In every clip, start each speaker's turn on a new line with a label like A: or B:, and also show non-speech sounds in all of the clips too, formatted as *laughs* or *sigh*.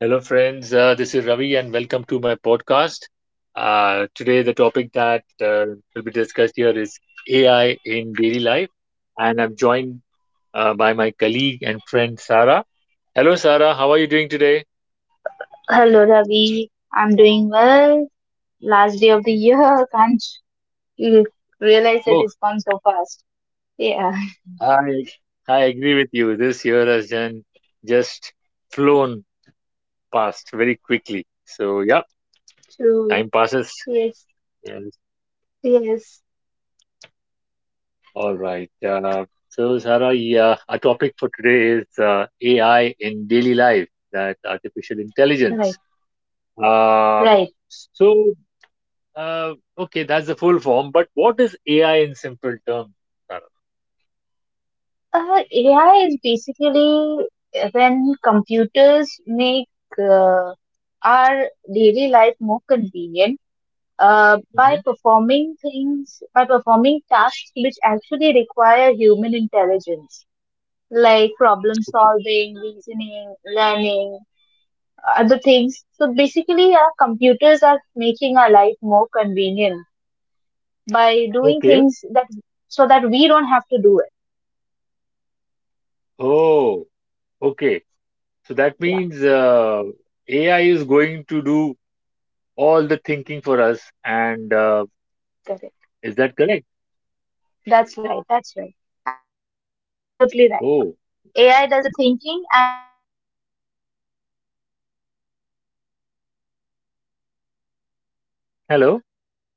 A: Hello, friends. This is Ravi, and welcome to my podcast. Today, the topic that will be discussed here is AI in daily life, and I'm joined by my colleague and friend Sarah. Hello, Sarah. How are you doing today?
B: Hello, Ravi, I'm doing well. Last day of the year, *laughs* can't you realize that
A: Oh,
B: it's gone so fast. Yeah,
A: I I agree with you. This year has done just flown past very quickly. So yeah,
B: true.
A: time passes.
B: Yes, yes.
A: All right. So, Sarah, yeah, our topic for today is AI in daily life, that artificial
B: Right,
A: intelligence. Uh,
B: right.
A: so, okay, that's the full form, but what is AI in simple terms, Sarah?
B: AI is basically when computers make uh, our daily life more convenient
A: Mhm.
B: by performing tasks which actually require human intelligence, like problem
A: Okay.
B: solving, reasoning, learning, other things. So basically, our computers are making our life more convenient by doing
A: Okay.
B: things that so that we don't have to do it.
A: Oh, okay. So that
B: Yeah,
A: means AI is going to do all the thinking for us, and
B: correct.
A: is that correct?
B: That's right. That's right. Absolutely right. AI
A: Oh,
B: does the thinking, and we get the results. And because nowadays everything we want is quick, so instead of
A: hello,
B: we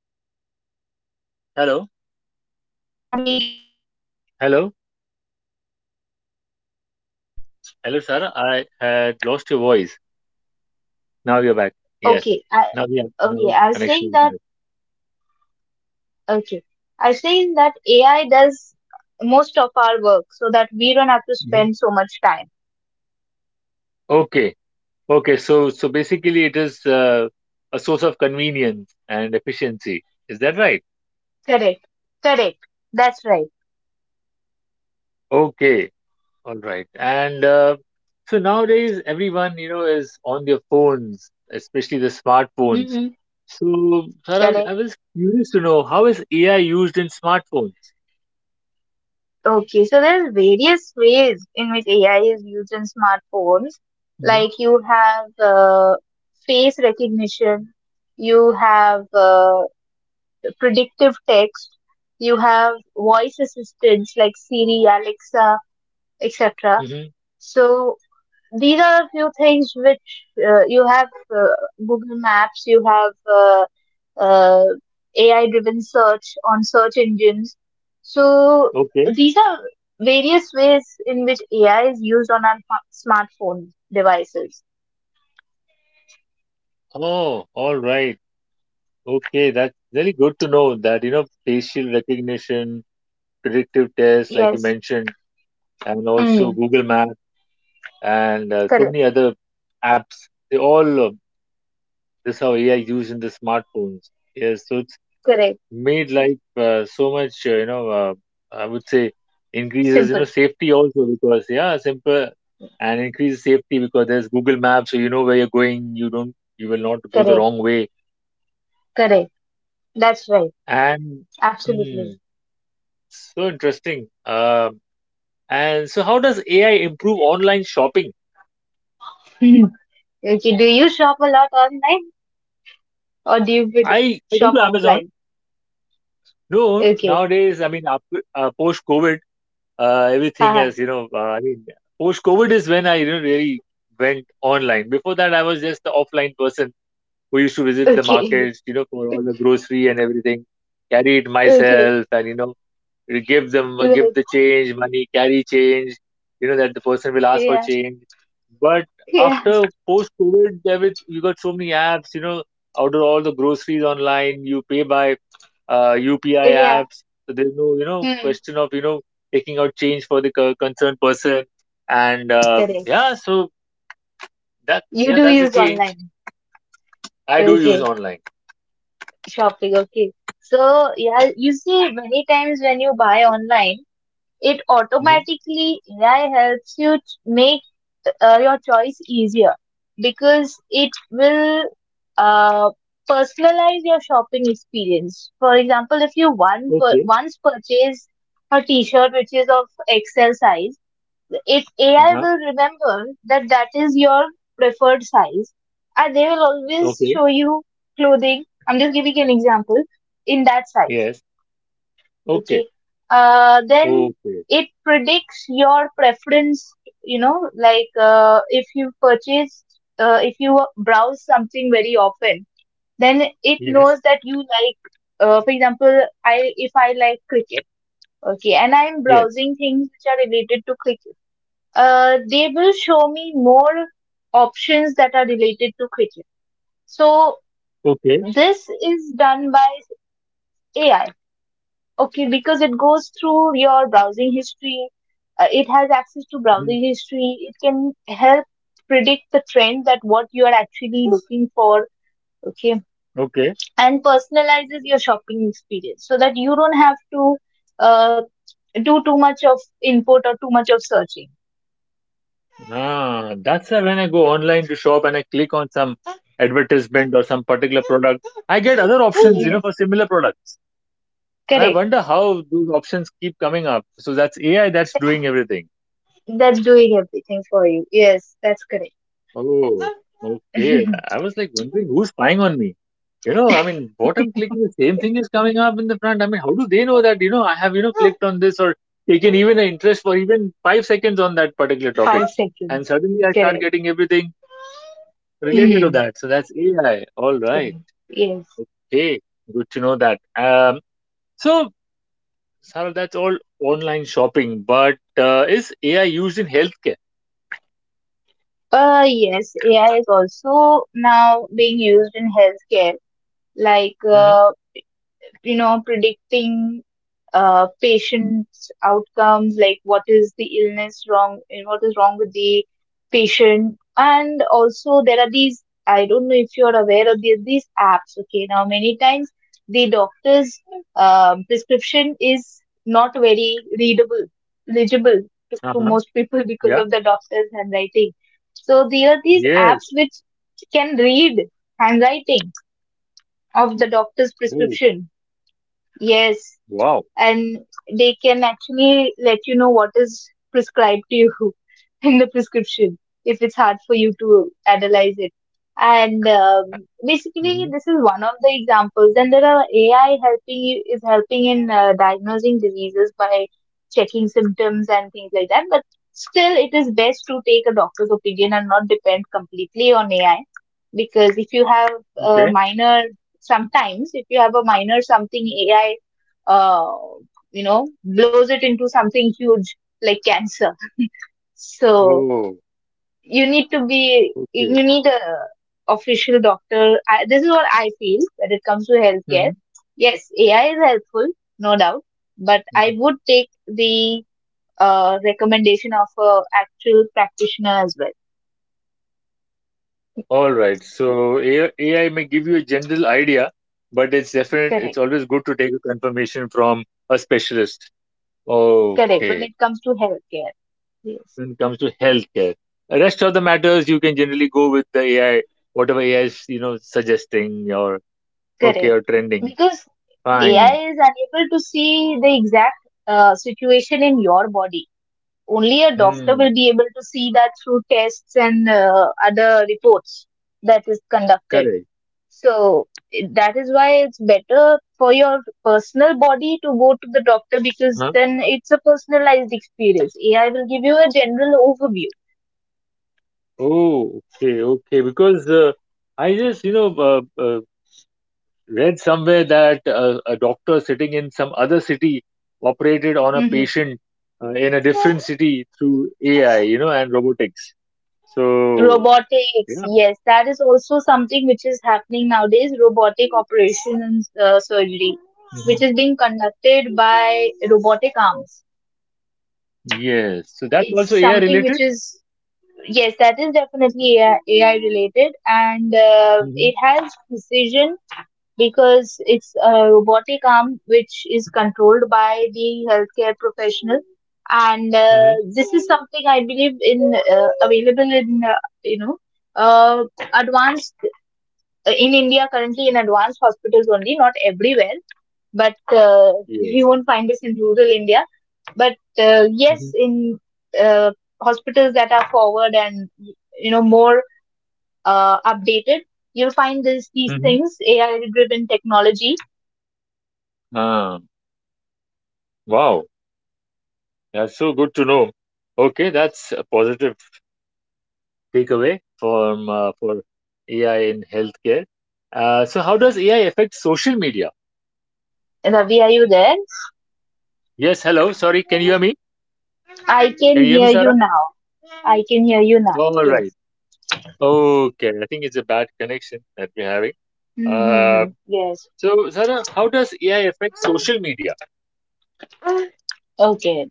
B: trying to search and get
A: hello,
B: this information and that information,
A: hello,
B: and AI does that work for us.
A: hello, Sarah. I had lost your voice. Now you're back. Yes.
B: Okay, I,
A: Now we have now
B: okay. I was
A: connection
B: saying
A: is
B: that.
A: back.
B: Okay. I've seen that AI does most of our work so that we don't have to
A: Mhm.
B: spend so much time.
A: Okay. Okay. So basically, it is a source of convenience and efficiency. Is that right?
B: Correct. Correct. That's right.
A: Okay. All right. And so nowadays, everyone you know is on their phones, especially the smartphones.
B: Mm-hmm.
A: So, sir, I
B: Correct.
A: was curious to know how is AI used in smartphones?
B: Okay. So there are various ways in which AI is used in smartphones.
A: Mm-hmm.
B: Like you have face recognition, you have predictive text, you have voice assistants like Siri, Alexa, etc.
A: Mm-hmm.
B: So these are a few things which you have uh, Google Maps, you have uh, AI driven search on search engines. So
A: Okay.
B: these are various ways in which AI is used on our smartphone devices.
A: Oh, all right. Okay, that's really good to know that, you know, facial recognition, predictive tests, like you
B: Yes.
A: mentioned, and also
B: Mm.
A: Google Maps and so
B: Correct.
A: many other apps. They all, this is how AI is used in the smartphones. Yes, so it's
B: Correct.
A: made life so much, I would say increases, you
B: Simple.
A: know, safety also because, yeah, simple and increases safety because there's Google Maps, so you know where you're going. You will not go the
B: Correct.
A: wrong way.
B: Correct. That's right.
A: And, hmm,
B: Absolutely.
A: so interesting. And so, how does AI improve online shopping?
B: Hmm. Okay. Do you shop a lot online or do you
A: I go
B: shop
A: to Amazon.
B: offline?
A: No,
B: Okay.
A: nowadays, I mean, after post COVID, everything
B: Haha.
A: has, you know, I mean, post COVID is when I you know, really went online. Before that, I was just the offline person who used to visit the
B: Okay. *laughs*
A: markets, you know, for all the grocery and everything, carry it
B: Okay.
A: myself, and, you know, give
B: Right.
A: the change money, carry change, you know, that the person will ask for
B: Yeah.
A: change, but
B: Yeah.
A: after post covid david, you got so many apps, you know, order all the groceries online, you pay by upi
B: Yeah.
A: apps, so there's no, you know,
B: Hmm.
A: question of, you know, taking out change for the concerned person, and
B: Correct.
A: yeah, so that's,
B: You
A: yeah,
B: do
A: that's the
B: use
A: change.
B: online.
A: I do use
B: Okay.
A: online.
B: Shopping. Okay. So yeah, you see many times when you buy online, it
A: Hmm.
B: automatically AI helps you make your choice easier because it will uh, personalize your shopping experience. For example, if you
A: Okay.
B: once purchase a t-shirt which is of XL size. If AI
A: Uh-huh.
B: will remember that is your preferred size, and they will always
A: Okay.
B: show you clothing. I'm just giving an example in that size.
A: Yes. Okay.
B: Okay. Then
A: Okay.
B: it predicts your preference. You know, like if you if you browse something very often, then it
A: Yes.
B: knows that you like. For example, I if I like cricket, okay, and I'm
A: Yes.
B: browsing things which are related to cricket, they will show me more options that are related to cricket. So
A: Okay.
B: this is done by AI, okay, because it goes through your browsing history. It has access to browsing history. It can help predict the trend that what you are actually looking for, okay,
A: Okay.
B: and personalizes your shopping experience so that you don't have to uh, do too much of input or too much of searching.
A: Ah, that's why when I go online to shop and I click on some advertisement or some particular product, I get other options, you know,
B: Yes,
A: for similar products. And I wonder how those options keep coming up. So that's AI that's doing everything.
B: that's doing everything for you. Yes, that's correct.
A: Oh, okay. I was like wondering who's spying on me. You know, I mean, what I'm clicking, the same thing is coming up in the front. I mean, how do they know that, you know, I have, you know, clicked on this or taken even an interest for even 5 seconds on that particular topic? And suddenly I start getting everything related to
B: Hmm.
A: that. So that's AI. All right.
B: Correct. Yes.
A: Okay. Good to know that. So, Sarah, that's all online shopping, but is AI used in healthcare?
B: Yes, AI is also now being used in healthcare. Like
A: Hmm.
B: you know, predicting patient's outcomes, like what is the illness wrong, and what is wrong with the patient. And also, there are these, I don't know if you're aware of these apps, okay? Now, many times the doctor's prescription is not very readable, legible to
A: Uh-huh.
B: most people *laughs* because
A: Yeah.
B: of the doctor's handwriting. So, there are these apps
A: Yes.
B: which can read handwriting of the doctor's
A: Oh,
B: prescription. Yes,
A: wow.
B: and they can actually let you know what is prescribed to you *laughs* in the prescription if it's hard for you to analyze it, and basically
A: Hmm.
B: this is one of the examples, and there are AI helping you is helping in diagnosing diseases by checking symptoms and things like that, but still it is best to take a doctor's opinion and not depend completely on AI, because if you have a
A: Okay.
B: minor sometimes if you have a minor something, AI, uh, blows it into something huge like cancer. So
A: Oh,
B: you need
A: okay.
B: you need a official doctor. This is what I feel when it comes to healthcare.
A: Hmm.
B: Yes, AI is helpful, no doubt, but I
A: Hmm.
B: would take the recommendation of a actual practitioner as well.
A: All right. So AI may give you a general idea, but it's definite. It's
B: Correct,
A: always good to take a confirmation from a specialist.
B: correct. When
A: Okay.
B: it comes to healthcare, yes,
A: When it comes to healthcare. The rest of the matters you can generally go with the AI, whatever AI is you know suggesting or okay
B: correct.
A: or trending.
B: Because AI
A: Fine.
B: is unable to see the exact situation in your body. Only a doctor
A: Hmm.
B: will be able to see that through tests and other reports that is conducted,
A: Correct.
B: so that is why it's better for your personal body to go to the doctor, because
A: Huh?
B: then it's a personalized experience. AI will give you a general overview.
A: Oh, okay, okay. Because I just you know read somewhere that a doctor sitting in some other city operated on a
B: Hmm.
A: patient in a different city through AI, you know, and robotics. So
B: Robotics,
A: yeah.
B: yes, that is also something which is happening nowadays. Robotic operations, surgery
A: Hmm.
B: which is being conducted by robotic arms.
A: Yes. So that's
B: It's
A: also AI
B: something
A: related.
B: which is. Yes, that is definitely AI related, and
A: Mm-hmm.
B: it has precision because it's a robotic arm which is controlled by the healthcare professional. And this is something I believe in available in you know uh, advanced in India currently in advanced hospitals only, not everywhere, but *laughs*
A: Yes.
B: you won't find this in rural India, but yes
A: Mm-hmm.
B: in uh, hospitals that are forward and you know more updated. You'll find these
A: Mm.
B: things, AI driven technology, being used there.
A: Wow. That's so good to know. Okay, that's a positive
B: Hello, Ravi.
A: takeaway
B: Are you
A: from
B: there?
A: for AI in healthcare. So how does AI affect social media?
B: Ravi, are you there?
A: Yes, hello. Sorry, can you hear me?
B: I can
A: Can you hear me,
B: hear you
A: Sarah?
B: now. I can hear you now.
A: All right.
B: Yes.
A: Okay, I think it's a bad connection that we're having. Uh,
B: Mm-hmm. Yes.
A: so Sarah, how does AI affect social media?
B: Okay.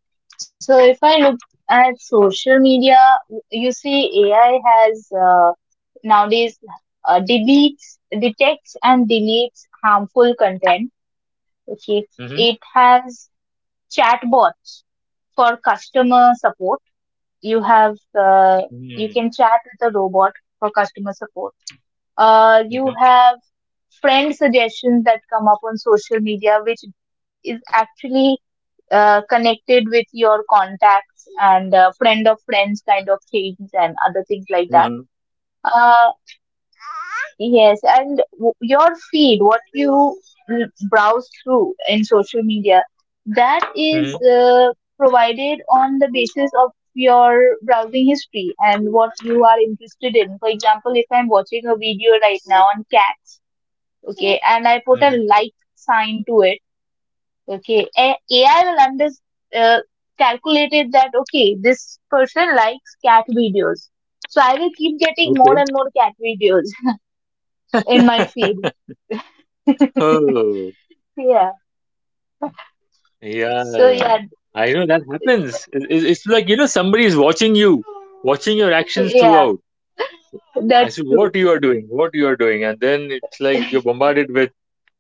B: So if I look at social media, you see AI has nowadays detects and deletes harmful content. Okay.
A: Mm-hmm.
B: It has chatbots for customer support. You have, uh, you
A: Mm-hmm.
B: can chat with a robot for customer support. You have friend suggestions that come up on social media, which is actually connected with your contacts and friend of friends kind of things and other things like that.
A: Mm-hmm.
B: Uh, Yes, and your feed, what you browse through in social media, that is
A: Mm-hmm.
B: provided on the basis of your browsing history and what you are interested in. For example, if I'm watching a video right now on cats, okay, and I put a like sign to it, okay, AI will under uh, calculated that okay, this person likes cat videos, so I will keep getting more
A: Mm-hmm.
B: and more cat videos *laughs* in my feed.
A: Okay. *laughs* Oh.
B: Yeah.
A: Yeah,
B: So yeah,
A: I know that happens. It's like, you know, somebody is watching you, watching your actions
B: yeah,
A: throughout as
B: that's
A: to
B: true.
A: what you are doing, what you are doing. And then it's like you're bombarded with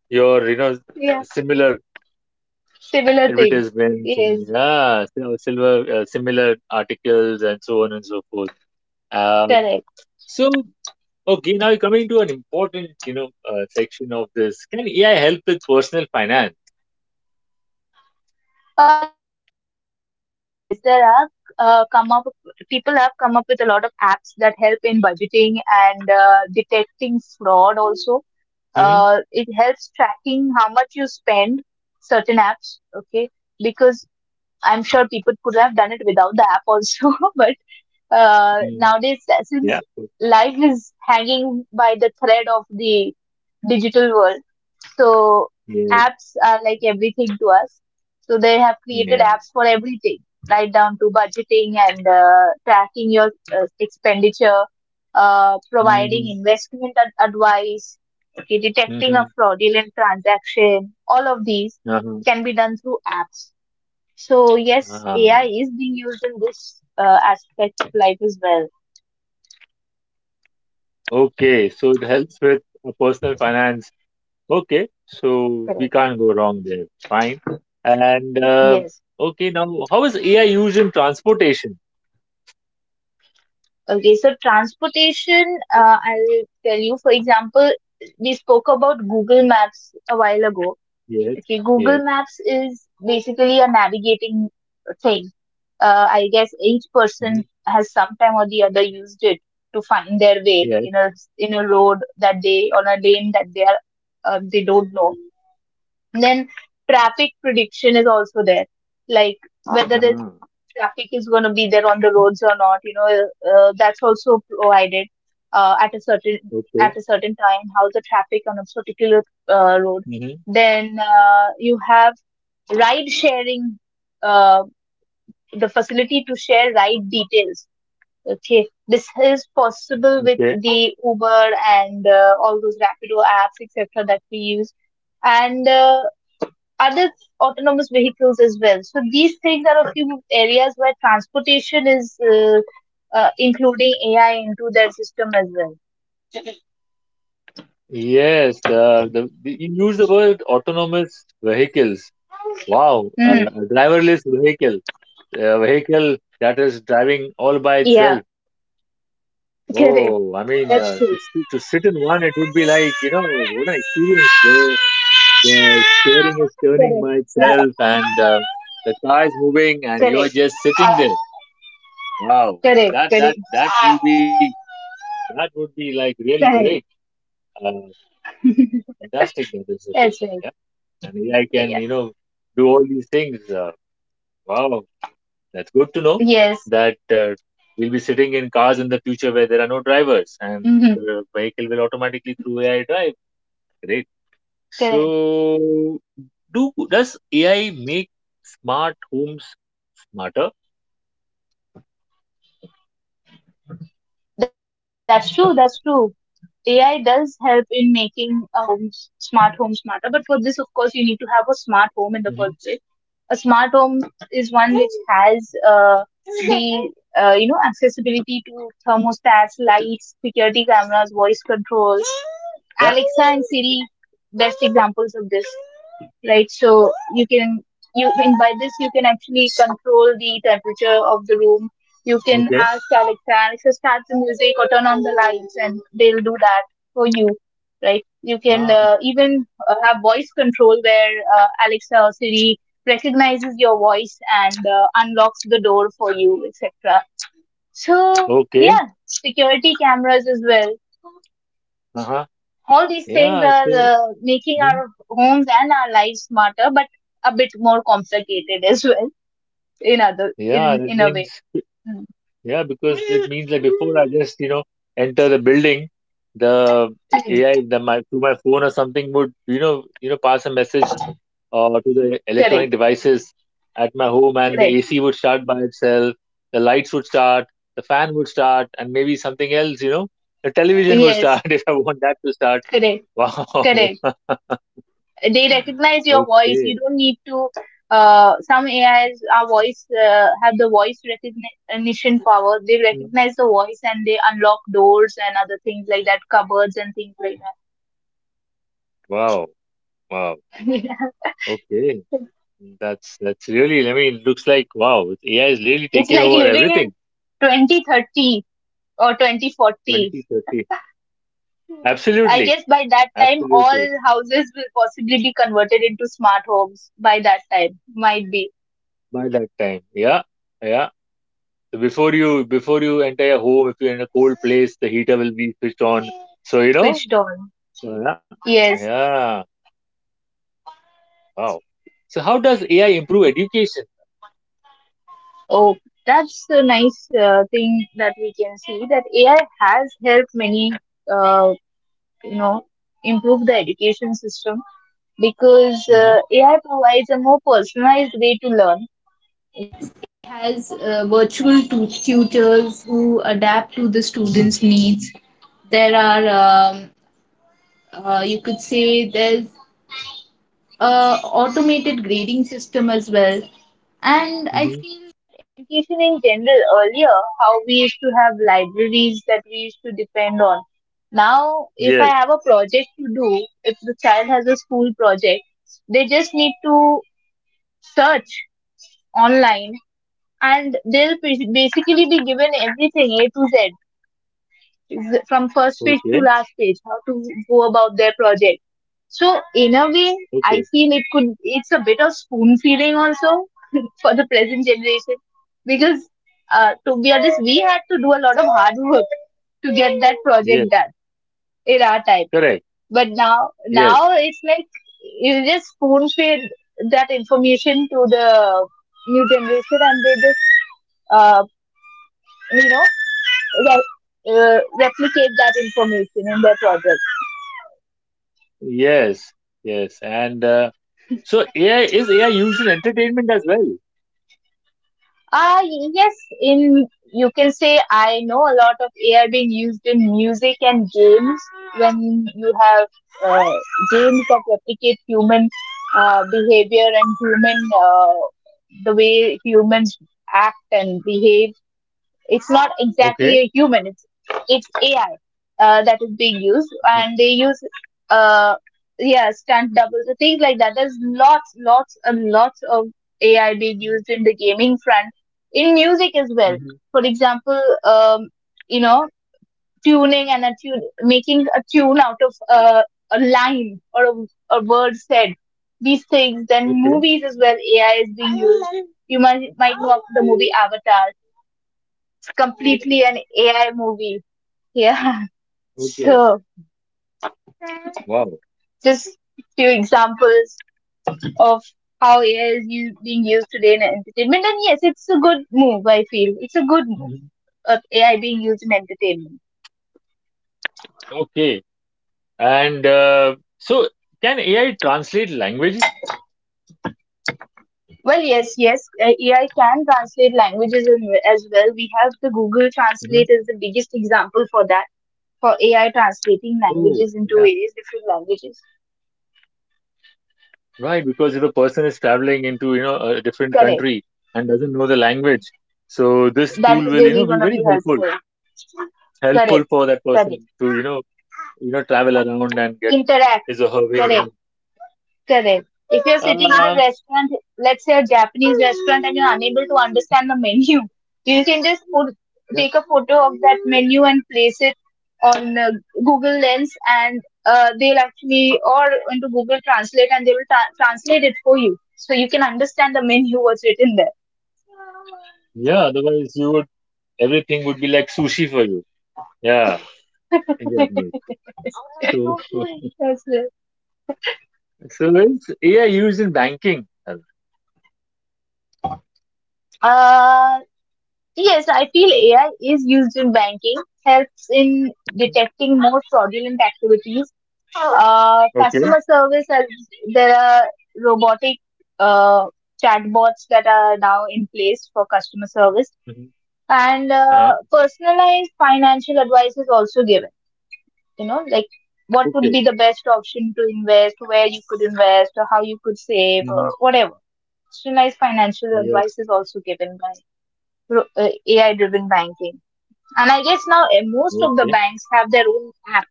A: your, you know,
B: Yeah,
A: similar
B: similar things.
A: advertisements
B: Yes,
A: and yeah, silver, similar articles and so on and so forth. Um,
B: correct.
A: so, okay, now coming to an important, you know, section of this. Can AI help with personal finance?
B: Yes, there are come up people have come up with a lot of apps that help in budgeting and detecting fraud also.
A: Mm-hmm.
B: It helps tracking how much you spend certain apps, okay? Because I'm sure people could have done it without the app also, *laughs* but nowadays,
A: Yeah.
B: since
A: Yeah.
B: life is hanging by the thread of the digital world, so
A: Yes.
B: apps are like everything to us, so they have created
A: Yeah.
B: apps for everything right down to budgeting and tracking your expenditure, providing
A: Mm-hmm.
B: investment advice, okay, detecting a
A: Mm-hmm.
B: fraudulent transaction. All of these
A: Uh-huh.
B: can be done through apps. So yes,
A: Ah,
B: AI is being used in this aspect of life as well.
A: okay, so it helps with personal finance. Okay, so we
B: Correct.
A: can't go wrong there. Fine. And
B: Yes.
A: okay, now how is AI used in transportation?
B: Okay, so transportation, I'll tell you, for example, we spoke about Google Maps a while ago.
A: Yes,
B: Okay,
A: yes,
B: Google Maps is basically a navigating thing. I guess each
A: mhm,
B: person has sometime or the other used it to find their way
A: yes.
B: in a road that they on a lane that they don't know. Then traffic prediction is also there, like whether the
A: Ah,
B: traffic is going to be there on the roads or not. You know, that's also provided at
A: okay.
B: a certain time how the traffic on a particular road.
A: Hmm.
B: Then you have ride sharing, uh, the facility to share ride details. Okay, this is possible with
A: Okay.
B: the Uber and all those Rapido apps, etc., that we use and other autonomous vehicles as well. So these things are a few areas where transportation is including AI into their system as well.
A: Yes, the you use the word autonomous vehicles. Wow,
B: Hmm.
A: a driverless vehicle, a vehicle that is driving all by
B: Yeah,
A: itself. Oh,
B: correct.
A: I mean,
B: That's true.
A: to sit in one, it would be like, you know, what an experience where the steering is turning
B: Correct,
A: by
B: correct,
A: itself and the car is moving and
B: correct,
A: you're just sitting there. Wow,
B: correct,
A: that that
B: correct,
A: that will be, that would be like really great.
B: correct.
A: Uh, Fantastic that is. A bit.
B: That's
A: Yeah,
B: right.
A: and I can, you
B: Yeah.
A: know, do all these things. Wow, that's good to know
B: Yes.
A: that we'll be sitting in cars in the future where there are no
B: Mm-hmm.
A: drivers and the vehicle will automatically through AI drive. Great.
B: Correct.
A: So, do does AI make smart homes smarter?
B: That's true. That's true. AI does help in making a home smart home smarter, but for this, of course, you need to have a smart home in the first place. A smart home
A: Hmm.
B: is one which has *laughs* the you know, accessibility to thermostats, lights, security cameras, voice controls, Alexa and Siri.
A: Yeah.
B: Best examples of this, right? So you can you in by this you can actually control the temperature of the room. You can ask Alexa,
A: Okay.
B: Alexa start the music or turn on the lights, and they'll do that for you, right? You can
A: Ah,
B: even have voice control where Alexa or Siri recognizes your voice and unlocks the door for you, etc. So,
A: okay.
B: yeah, security cameras as well.
A: Uh-huh.
B: All these things
A: Yeah.
B: are
A: So,
B: making
A: mhm.
B: our homes and our lives smarter, but a bit more complicated as well, in other
A: Yeah, that
B: in a way.
A: means,
B: Mm. Mm.
A: yeah, because it means like before I just, you know, enter the building, the
B: Correct,
A: AI, the my through my phone or something would, you know, pass a message to the
B: correct.
A: electronic devices at my home, and the
B: Correct.
A: AC would start by itself, the lights would start, the fan would start, and maybe something else, you know, the television would start
B: Yes,
A: *laughs* if I want that to start.
B: correct,
A: Wow.
B: correct.
A: *laughs*
B: They recognize your voice. You
A: Okay.
B: don't need to. Some ais are voice, have the voice recognition power. They
A: Mm.
B: recognize the voice and they unlock doors and other things like that, cupboards and things like
A: Wow. Wow.
B: that.
A: Okay. That's really, I mean, it looks like wow, AI is really
B: *laughs* It's
A: taking
B: like
A: over
B: living in
A: everything.
B: 2030 or 2040.
A: 2030.
B: I
A: Absolutely.
B: guess by that time all
A: Absolutely.
B: houses will possibly be converted into smart homes. By that time. Might be.
A: By that time. Yeah. Yeah. So before you enter your home if you're in a cold place the heater will be switched on so you know
B: Switched on.
A: yeah,
B: Yes.
A: yeah. Wow. So how does ai improve education?
B: Oh, that's a nice thing that we can see, that AI has helped many, uh, you know, improve the education system, because
A: Mm-hmm.
B: AI provides a more personalized way to learn.
A: Mm-hmm. Mm-hmm.
B: We used to have libraries that we used to depend on. Now, if I
A: Yes.
B: have a project to do, if the child has a school project, they just need to search online, and they'll basically be given everything A to Z, is from first page to
A: Okay.
B: last page, how to go about their project. So, in a way, I
A: Okay.
B: feel it could, it's a bit of spoon feeding also *laughs* for the present generation, because to be honest, we had to do a lot of hard work to get that project
A: Yes.
B: done in time.
A: Correct.
B: But now,
A: Yes.
B: now it's like you just spoon feed that information to the new generation, and they just uh, you know replicate that information in their project.
A: Yes. Yes. And so ai is ai used in entertainment as well?
B: Uh, yes, in you can say I know a lot of AI being used in music and games, when you have uh, games that replicate human behavior and human, the way humans act and behave. It's not
A: Okay.
B: exactly a human. It's AI that is being used,
A: Mm-hmm.
B: and they use, uh yeah, stunt doubles and things like that. There's lots, lots, and lots of AI being used in the gaming front, in music as well.
A: Mm-hmm.
B: For example, you know, tuning and a tune, making a tune out of a line or a word said. These things, then
A: Okay.
B: movies as well. AI is being used. You might know of the movie Avatar,
A: Yes.
B: completely an AI movie. Yeah. *laughs*
A: Okay.
B: So
A: Wow.
B: just few examples of how AI is being used today in entertainment. And yes, it's a good move, I feel. It's a good move
A: Hmm.
B: of AI being used in entertainment.
A: Okay. And so can ai translate language?
B: Well, yes, yes, AI can translate languages as well. We have the Google Translate as the biggest example for that, for AI translating
A: Oh,
B: languages into
A: yeah,
B: various different languages.
A: right. Because if a person is traveling into, you know, a different
B: Correct.
A: country and doesn't know the language, so this
B: That
A: tool
B: is
A: will, you
B: really
A: know,
B: going
A: be
B: to
A: very
B: be
A: helpful,
B: helpful. Correct.
A: helpful for that
B: Correct.
A: person to, you know, travel around and get
B: Interact.
A: his or her way
B: Correct.
A: around.
B: Correct. If you're sitting in a
A: Um,
B: restaurant, let's say a Japanese restaurant, and you're unable to understand the menu, you can just put,
A: yeah,
B: take a photo of that menu and place it on Google Lens, and they'll actually, or into Google Translate, and they will translate it for you. So you can understand the menu, what's written there.
A: yeah. Otherwise, you would everything would be like sushi for you. Yeah, in Japanese. So, *laughs*
B: That's it.
A: so it's AI used in banking.
B: Uh, Yes, I feel AI is used in banking, helps in detecting more fraudulent activities.
A: Okay.
B: Customer service, as there are robotic uh, chatbots that are now in place for customer service,
A: Mm-hmm.
B: and
A: Uh-huh.
B: personalized financial advice is also given. Like what would
A: Okay.
B: be the best option to invest, where you could invest, or how you could save,
A: Hmm.
B: or whatever. Personalized financial
A: Yeah.
B: advice is also given by AI driven banking. And I guess now, most of the
A: Okay.
B: banks have their own app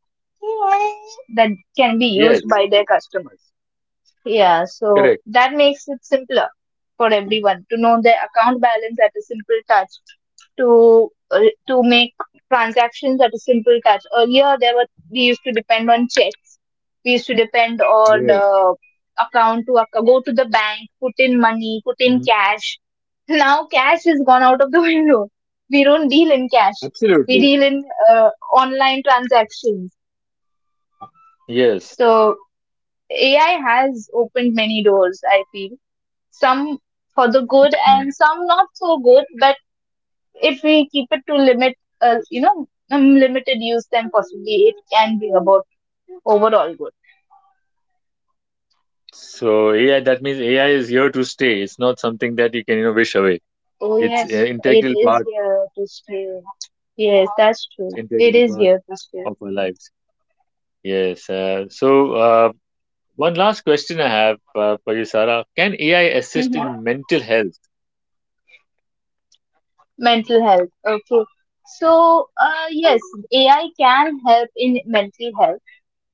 B: that can be used
A: Yes.
B: by their customers. Yeah, so
A: Correct.
B: that makes it simpler for everyone to know their account balance at a simple touch, to uh, to make transactions at a simple touch. Earlier, there were we used to depend on checks. We used to depend on
A: Yes.
B: account to go to the bank, put in money, put in
A: Mm-hmm.
B: cash. *laughs* Now cash is gone out of the *laughs* window. We don't deal in cash. We
A: Absolutely.
B: deal in online transactions.
A: Yes.
B: So AI has opened many doors, I feel. Some for the good
A: Mm.
B: and some not so good, but if we keep it to limit, limited use, then possibly it can be about overall good.
A: So AI, that means AI is here to stay. It's not something that you can, you know, wish away.
B: Oh
A: It's an
B: yes, it is here to stay. Yes, that's true. It
A: integral
B: is
A: part
B: here to stay.
A: of our lives. Yes. So one last question I have for you, Sarah. Can AI assist
B: Hmm.
A: in mental health?
B: Mental health. Okay. So, yes, AI can help in mental health.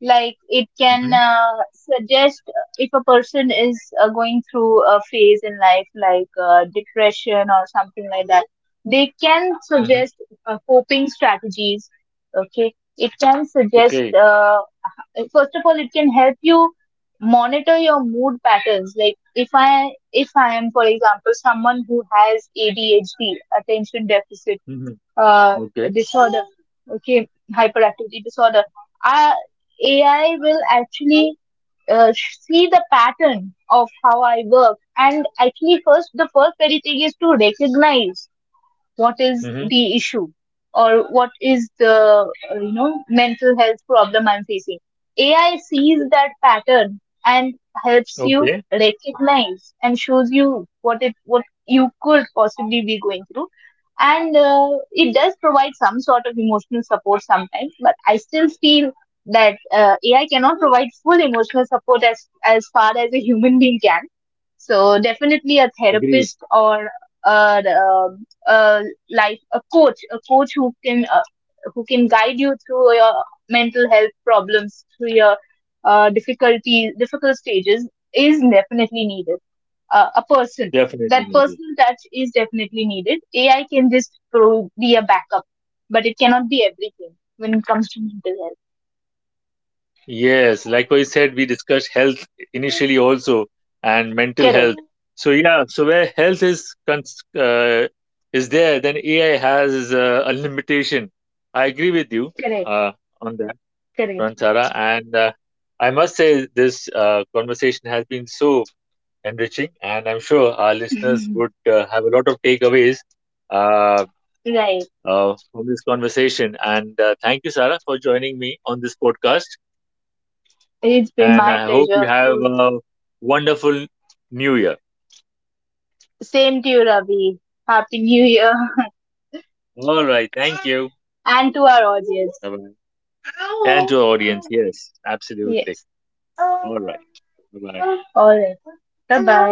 B: Like, it can
A: Mm-hmm.
B: suggest, if a person is going through a phase in life, like depression or something like that, they can
A: Mm-hmm.
B: suggest coping strategies. Okay, it can suggest,
A: Okay.
B: first of all, it can help you monitor your mood patterns. Like, if I am, for example, someone who has ADHD, attention deficit,
A: Mm-hmm.
B: uh,
A: Okay.
B: disorder, okay, hyperactivity disorder, uh, AI will actually see the pattern of how I work. And actually, first, the first very thing is to recognize what is
A: Mm-hmm.
B: the issue, or what is the mental health problem I'm facing. AI sees that pattern and helps you
A: Okay.
B: recognize and shows you what you could possibly be going through. And it does provide some sort of emotional support sometimes, but I still feel that AI cannot provide full emotional support as far as a human being can. So definitely a
A: Agreed.
B: therapist, or a, um, a like a coach, who can, who can guide you through your mental health problems, through your difficulties, difficult stages, is definitely needed. A person,
A: Definitely.
B: that
A: Agreed.
B: personal touch is definitely needed. AI can just be a backup, but it cannot be everything when it comes to mental health.
A: Yes, likewise said we discussed health initially also and mental
B: Correct,
A: health. So yeah, so where health is cons is there, then AI has a limitation. I agree with you
B: correct,
A: uh, on that
B: correct.
A: front, Sarah. And I must say this conversation has been so enriching, and I'm sure our listeners would
B: *laughs*
A: have a lot of takeaways uh,
B: Right.
A: from this conversation. And thank you, Sarah, for joining me on this podcast
B: It's been
A: and
B: my
A: I hope you
B: pleasure
A: have
B: to.
A: a wonderful new year.
B: Same to you, Ravi. Happy New Year
A: All right, thank you.
B: *laughs* and to our audience.
A: Bye bye. And to our audience, yes, absolutely.
B: Yes.
A: All right, bye bye.
B: All right. 拜拜。